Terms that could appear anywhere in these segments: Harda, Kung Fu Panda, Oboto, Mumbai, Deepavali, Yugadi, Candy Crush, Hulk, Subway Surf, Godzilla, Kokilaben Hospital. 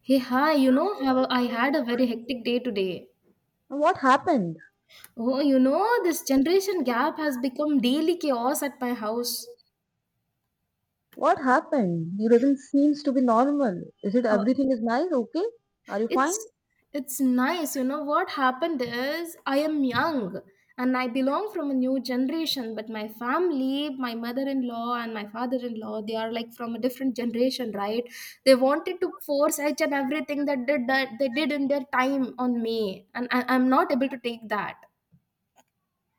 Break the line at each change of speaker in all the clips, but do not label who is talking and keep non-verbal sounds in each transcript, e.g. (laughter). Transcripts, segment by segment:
Hey, hi, you know, have a, I had a very hectic day today.
What happened?
Oh, you know, this generation gap has become daily chaos at my house.
What happened? He doesn't seems to be normal. Is it
Uh,
everything is nice? Okay? Are you fine?
it's it's nice, you know. What happened is I am young and I belong from a new generation, but my family, my mother-in-law and my father-in-law, they are like from a different generation, right? They wanted to force each and everything that did that they did in their time on me, and I'm not able to take that.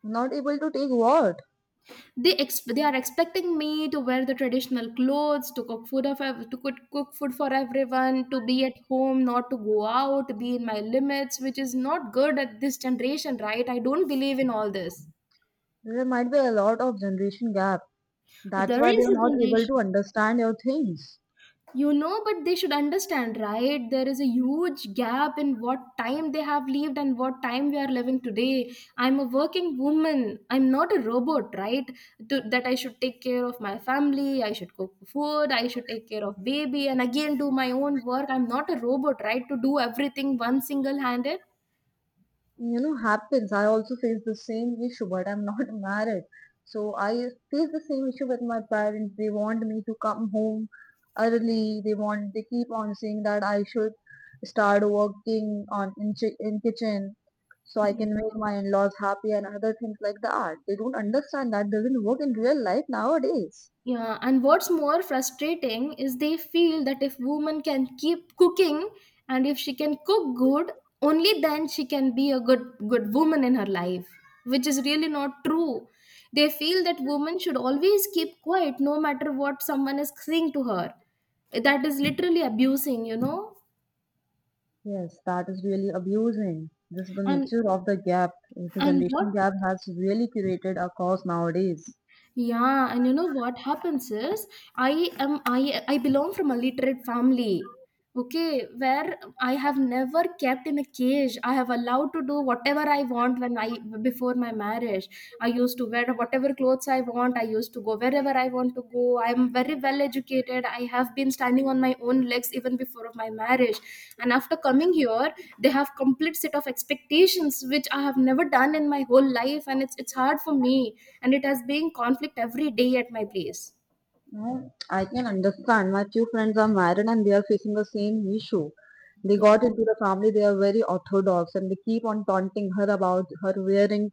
Not able to take what?
They are expecting me to wear the traditional clothes to cook food to cook, cook food for everyone, to be at home, not to go out, to be in my limits, which is not good at this generation, right? I don't believe in all this.
There might be a lot of generation gap. That's
There
why they
is
are
a
not able
generation,
to understand your things.
you know, but they should understand, right? There is a huge gap in what time they have lived and what time we are living today. I'm a working woman, I'm not a robot, right? That I should take care of my family, I should cook food, I should take care of baby and again do my own work. I'm not a robot, right, to do everything one single handed.
You know happens, I also face the same issue, but I'm not (laughs) married, so I face the same issue with my parents. They want me to come home early. They want, they keep on saying that I should start working on in kitchen so I can make my in-laws happy and other things like that. They don't understand that doesn't work in real life nowadays.
Yeah, and what's more frustrating is they feel that if woman can keep cooking and if she can cook good, only then she can be a good woman in her life, which is really not true. They feel that women should always keep quiet no matter what someone is saying to her. That is literally abusing, you know?
Yes, that is really abusing. This is the
And
nature of the gap. The
and what
generation gap has really created a cause nowadays.
Yeah, and you know what happens is I am I belong from a literate family. Okay, where I have never kept in a cage. I have allowed to do whatever I want when I, before my marriage. I used to wear whatever clothes I want. I used to go wherever I want to go. I am very well educated. I have been standing on my own legs even before of my marriage. And after coming here, they have complete set of expectations which I have never done in my whole life, and it's hard for me. And it has been conflict every day at my place.
No, I can understand. My two friends are married and they are facing the same issue. They
Yeah,
got into the family, they are very orthodox and they keep on taunting her about her wearing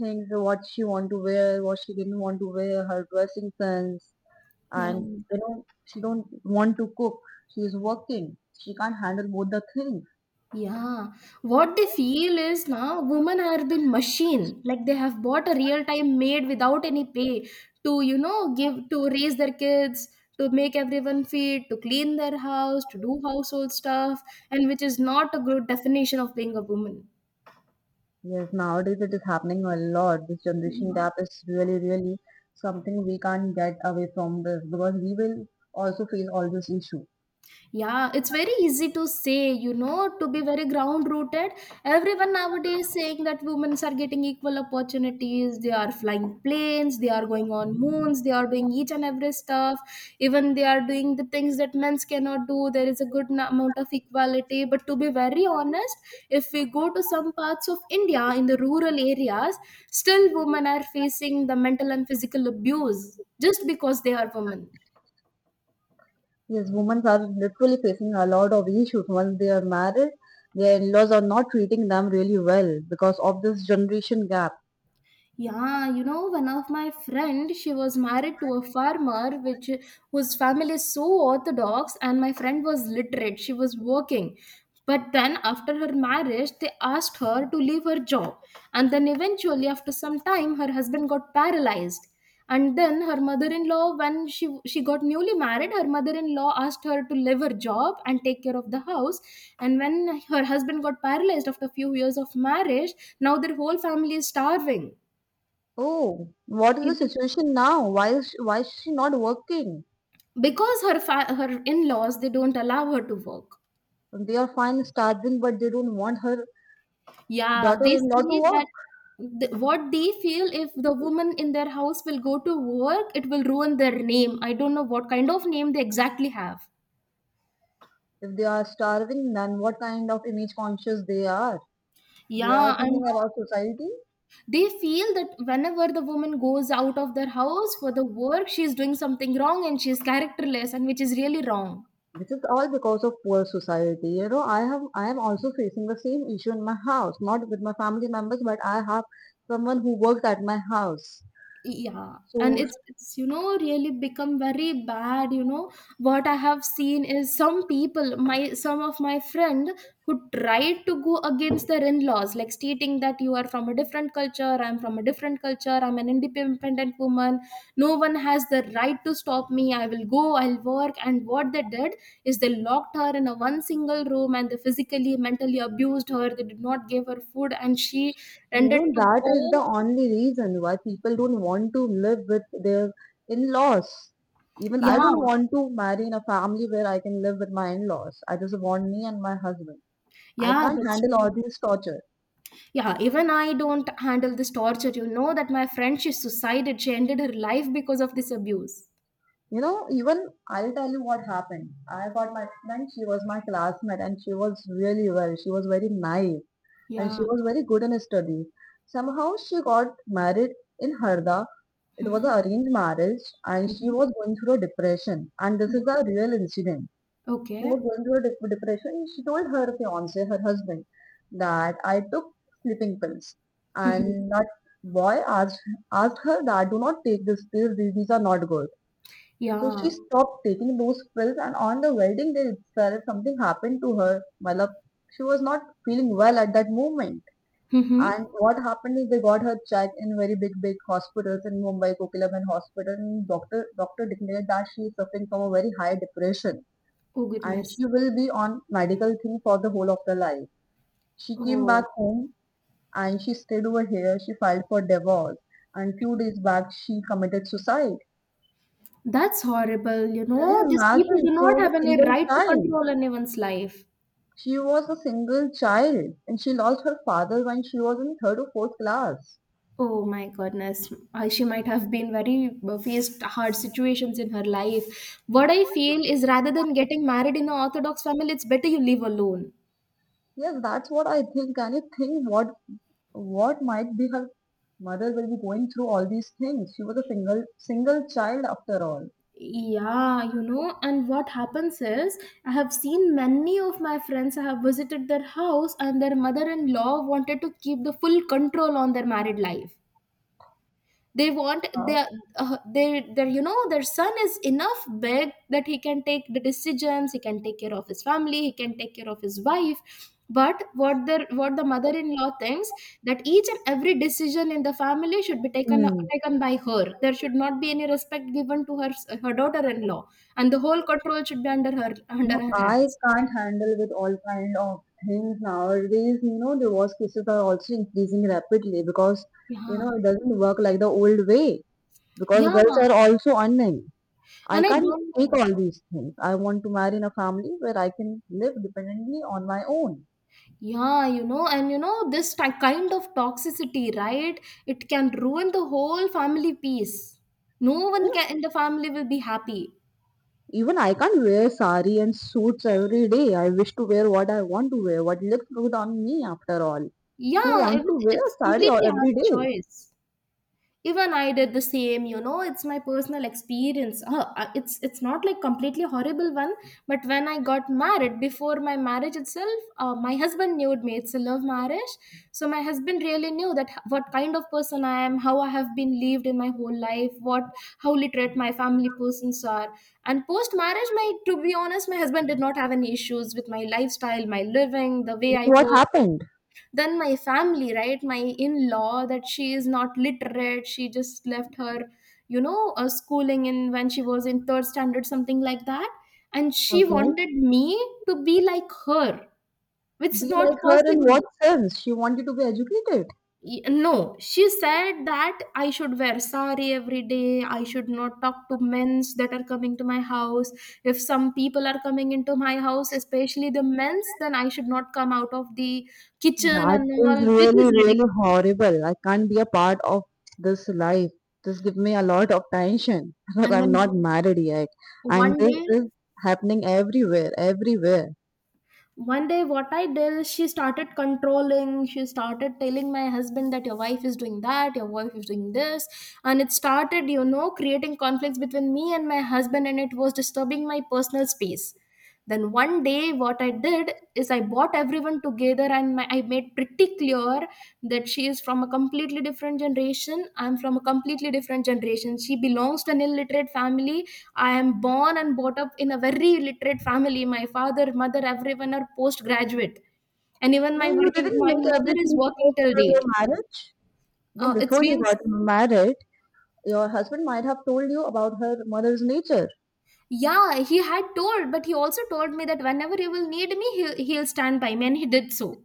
things, what she want to wear, what she didn't want to wear, her dressing sense.
yeah.
And you know, she don't want to cook. She is working. She can't handle both the things.
Yeah, what they feel is now women are been machine, like they have bought a real time maid without any pay to, you know, give to raise their kids, to make everyone feed, to clean their house, to do household stuff, and which is not a good definition of being a woman.
Yes, nowadays it is happening a lot. This generation
Yeah.
gap is really, really something we can't get away from, this because we will also face all this issue.
Yeah, it's very easy to say, you know, to be very ground rooted. Everyone nowadays saying that women are getting equal opportunities, they are flying planes, they are going on moons, they are doing each and every stuff. Even they are doing the things that men cannot do. There is a good amount of equality. But to be very honest, if we go to some parts of India in the rural areas, still women are facing the mental and physical abuse just because they are women.
Yes, women are literally facing a lot of issues once they are married. Their in-laws are not treating them really well because of this generation gap.
Yeah, you know, one of my friend, she was married to a farmer which whose family is so orthodox and my friend was literate. She was working. But then after her marriage, they asked her to leave her job. And then eventually after some time her husband got paralyzed. And then her mother-in-law, when she got newly married, her mother-in-law asked her to leave her job and take care of the house. And when her husband got paralyzed after a few years of marriage, now their whole family is starving
Oh, what is the
even
situation now? Why is she not working?
because her in-laws they don't allow her to work.
They are fine starving, but they don't want her
Yeah, they
daughter-in-law to
see that
work.
what they feel, if the woman in their house will go to work, it will ruin their name. I don't know what kind of name they exactly have.
If they are starving, then what kind of image conscious they are? They are
Yeah,
thinking
and
about society.
they feel that whenever the woman goes out of their house for the work, she's doing something wrong and she's characterless, and which is really wrong.
This is all because of poor society. You know, I am also facing the same issue in my house, not with my family members, but I have someone who works at my house.
Yeah, and
So
it's you know really become very bad. You know what I have seen is some people, my some of my friend who tried to go against their in-laws, like stating that you are from a different culture, I'm from a different culture, I'm an independent woman. No one has the right to stop me. I will go, I'll work. And what they did is they locked her in a one single room and they physically, mentally abused her. They did not give her food, and she
you
ended
know,
to
that is the
go.
only reason why people don't want to live with their in-laws. Even I
Yeah.
don't want to marry in a family where I can live with my in-laws. I just want me and my husband. I
Yeah,
can't
that's
handle
true.
all these torture.
Yeah, even I don't handle this torture. You know that my friend, she suicided. She ended her life because of this abuse.
You know, even I'll tell you what happened. I got my friend, she was my classmate, and she was really well. She was very naive and she
Yeah.
was very good in her study. Somehow she got married in Harda. It was
Mm-hmm.
an arranged marriage and she
Mm-hmm.
was going through a depression. And this
Yeah.
is a real incident. She
Okay.
was going through a depression. She told her fiance, her husband, that I took sleeping pills.
Mm-hmm.
And that boy asked her that do not take these pills, these are not good. So
Yeah.
she stopped taking those pills, and on the wedding day itself, something happened to her. Malab, she was not feeling well at that moment.
Mm-hmm.
And what happened is they got her checked in very big, big hospitals in Mumbai, Kokilaban Hospital, and doctor declared that she is suffering from a very high depression,
Oh,
and
goodness.
she will be on medical thing for the whole of her life. She came back
Oh,
home and she stayed over here. She filed for divorce, and few days back she committed suicide.
that's horrible. You
Can you
know, these people
imagine?
do
She
not
was
have
a
any
single
right to
child.
control anyone's life.
She was a single child and she lost her father when she was in third or fourth class.
Oh my goodness. She might have been very faced hard situations in her life. What I feel is rather than getting married in an Orthodox family, it's better you live alone.
Yes, that's what I think. Can you think what might be her mother will be going through all these things? She was a single single child after all.
Yeah, you know, and what happens is I have seen many of my friends, I have visited their house, and their mother in law wanted to keep the full control on their married life. They want
Uh,
their their you know their son is enough big that he can take the decisions, he can take care of his family, he can take care of his wife, but what the mother-in-law thinks, that each and every decision in the family should be taken
hmm.
taken by her, there should not be any respect given to her, her daughter-in-law, and the whole control should be under
No,
her
I
hands.
can't handle with all kind of things nowadays. You know, divorce cases are also increasing rapidly because you
Yeah.
know it doesn't work like the old way, because
Yeah,
girls are also earning. I
and I
can't
don't
take
know.
all these things. I want to marry in a family where I can live dependently on my own.
Yeah, you know, and you know, this kind of toxicity, right? It can ruin the whole family peace. No one can, in the family will be happy.
Even I can't wear sari and suits every day. I wish to wear what I want to wear, what looks good on me after all. Who
Yeah,
wants
it,
to wear
it's
sari
completely our
every day?
choice. Even I did the same, you know, it's my personal experience. It's not like completely horrible one, but when I got married, before my marriage itself, my husband knew me, it's a love marriage. So my husband really knew that what kind of person I am, how I have been lived in my whole life, what, how literate my family persons are. And post marriage, my, to be honest, my husband did not have any issues with my lifestyle, my living, the way I
What
work.
happened?
Then my family, right, my in-law, that she is not literate, she just left her, you know, schooling in when she was in third standard, something like that, and she
Okay.
wanted me to be like her, which is
Be like
not
her in
possible.
what sense? She wanted to be educated.
No she said that I should wear sari every day, I should not talk to men's that are coming to my house, if some people are coming into my house, especially the men's, then I should not come out of the kitchen
That
and all,
is
which is
really, really
ridiculous.
horrible. I can't be a part of this life. This give me a lot of tension (laughs) because
And
I'm
then
not married yet. And
one
this
day
is happening everywhere, everywhere.
one day what I did is, she started controlling, she started telling my husband that your wife is doing that, your wife is doing this, and it started, you know, creating conflicts between me and my husband, and it was disturbing my personal space. Then one day what I did is, I brought everyone together and my, I made pretty clear that she is from a completely different generation. I'm from a completely different generation. She belongs to an illiterate family. I am born and brought up in a very illiterate family. My father, mother, everyone are postgraduate. And even my
Then you
working,
didn't
my
make
mother is
everything clear
working till
before your
date.
marriage. No,
It's
before you
been,
got married, your husband might have told you about her mother's nature.
yeah, he had told, but he also told me that whenever you will need me, he'll stand by me. And he did so.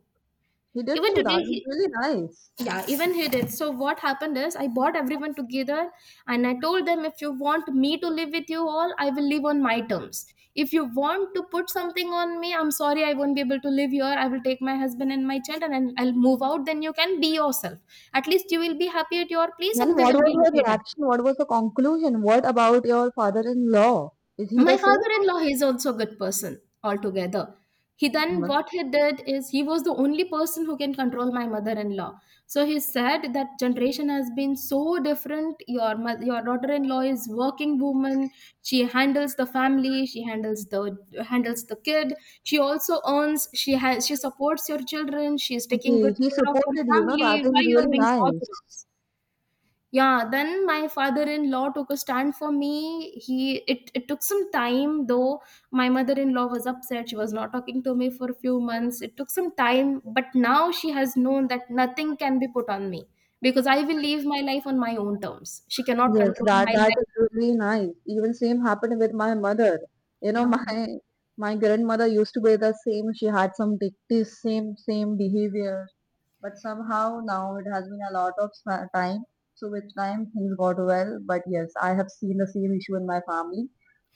He did
Even
so.
today,
That was
he,
really nice.
yeah even he did so. What happened is I brought everyone together and I told them, if you want me to live with you all, I will live on my terms. If you want to put something on me, I'm sorry, I won't be able to live here, I will take my husband and my children and I'll move out, then you can be yourself. At least you will be happy at your place
Then
and we
what
will
was
be
her
happy at ours.
reaction? What was the conclusion? What about your father-in-law? Is he
My
the same?
father-in-law is also a good person altogether. He, then what he did is, he was the only person who can control my mother-in-law. So he said that generation has been so different, your your daughter-in-law is working woman, she handles the family, she handles the, handles the kid, she also earns, she has, she supports your children, she is taking good
He
care of your
supported you, know,
family,
that is
why you're
really
being so
nice.
orthodox. Yeah, then my father-in-law took a stand for me. He it, it took some time though. My mother-in-law was upset. She was not talking to me for a few months. It took some time, but now she has known that nothing can be put on me because I will live my life on my own terms. She cannot
Yes,
control
that
my
that
life.
is really nice. Even same happened with my mother. You know,
Yeah,
(laughs) my grandmother used to be the same. She had some dictates, same same behavior, but somehow now it has been a lot of time. So with time things got well. But yes, I have seen the same issue in my family,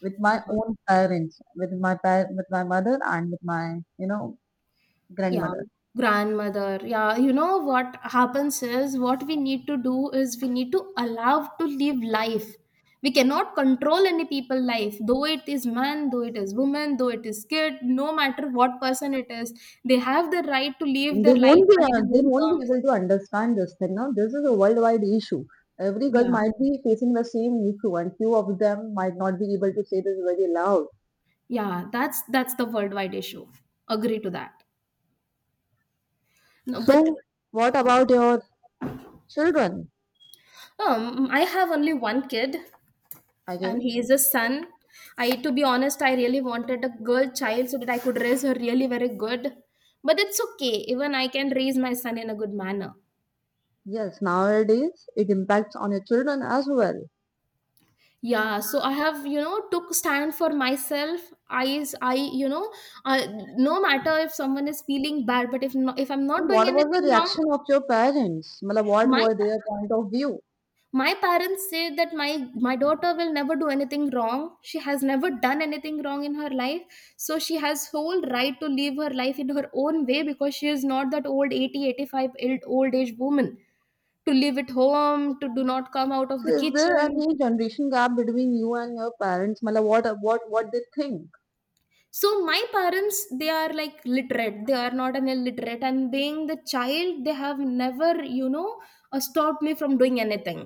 with my
yeah.
own parents, with my with my mother and with my you know
Yeah,
grandmother.
grandmother. Yeah, you know what happens is, what we need to do is we need to allow to live life. We cannot control any people life, though it is man, though it is woman, though it is kid, no matter what person it is, they have the right to live their life by their
They
own
won't be
terms.
able to understand this thing now. This is a worldwide issue. Every girl
Yeah,
might be facing the same issue, and few of them might not be able to say this very loud.
yeah, that's the worldwide issue. Agree to that. No, but
So, what about your children?
I have only one kid, and
Again,
he is a son. I, to be honest, I really wanted a girl child so that I could raise her really very good, but it's okay, even I can raise my son in a good manner.
yes, nowadays it impacts on your children as well.
Yeah, so I have, you know, took stand for myself. I you know, uh, no matter if someone is feeling bad, but if no, if I'm not
And
doing
what was the
anything wrong.
reaction of your parents? Matlab, what
my
were their point of view?
my parents say that my daughter will never do anything wrong, she has never done anything wrong in her life, so she has whole right to live her life in her own way because she is not that old 80, 85 old old age woman to live at home, to do not come out of
So,
the
is there
kitchen.
any generation gap between you and your parents? Matlab, what what they think?
So my parents, they are like literate, they are not an illiterate, and being the child, they have never, you know, stopped me from doing anything.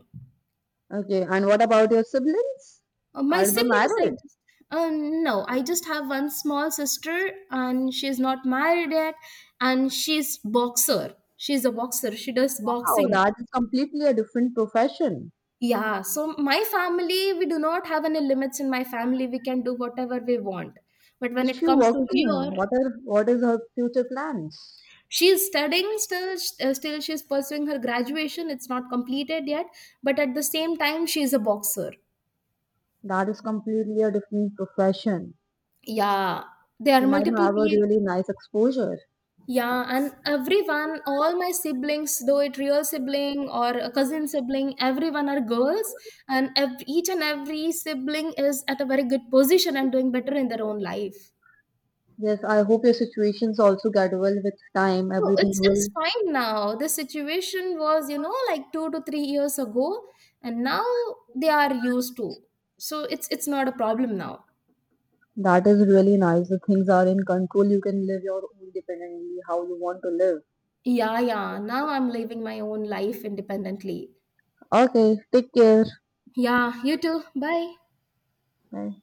Okay, and what about your siblings?
My
Are they
siblings, I
married?
just, no, I just have one small sister, and she's not married yet, and she's boxer. She's a boxer. She does
Wow,
boxing.
that is completely a different profession.
Yeah. So my family, we do not have any limits in my family. We can do whatever we want. But when
Is
it
she
comes to
working?
here,
What are what is her future plans?
she's studying still. Still, she's pursuing her graduation. It's not completed yet. But at the same time, she's a boxer.
That is completely a different profession.
Yeah. There are
She might
multiple
have a
people.
really nice exposure.
Yeah, and everyone, all my siblings, though it real sibling or a cousin sibling, everyone are girls, and each and every sibling is at a very good position and doing better in their own life.
Yes, I hope your situations also get well with time.
So
Everything
it's
will.
fine now. The situation was, you know, like 2 to 3 years ago, and now they are used to. So it's not a problem now.
That is really nice. The things are in control. You can live your own dependently how you want to live.
Yeah, yeah. Now I'm living my own life independently.
Okay, take care.
Yeah, you too. Bye.
Bye.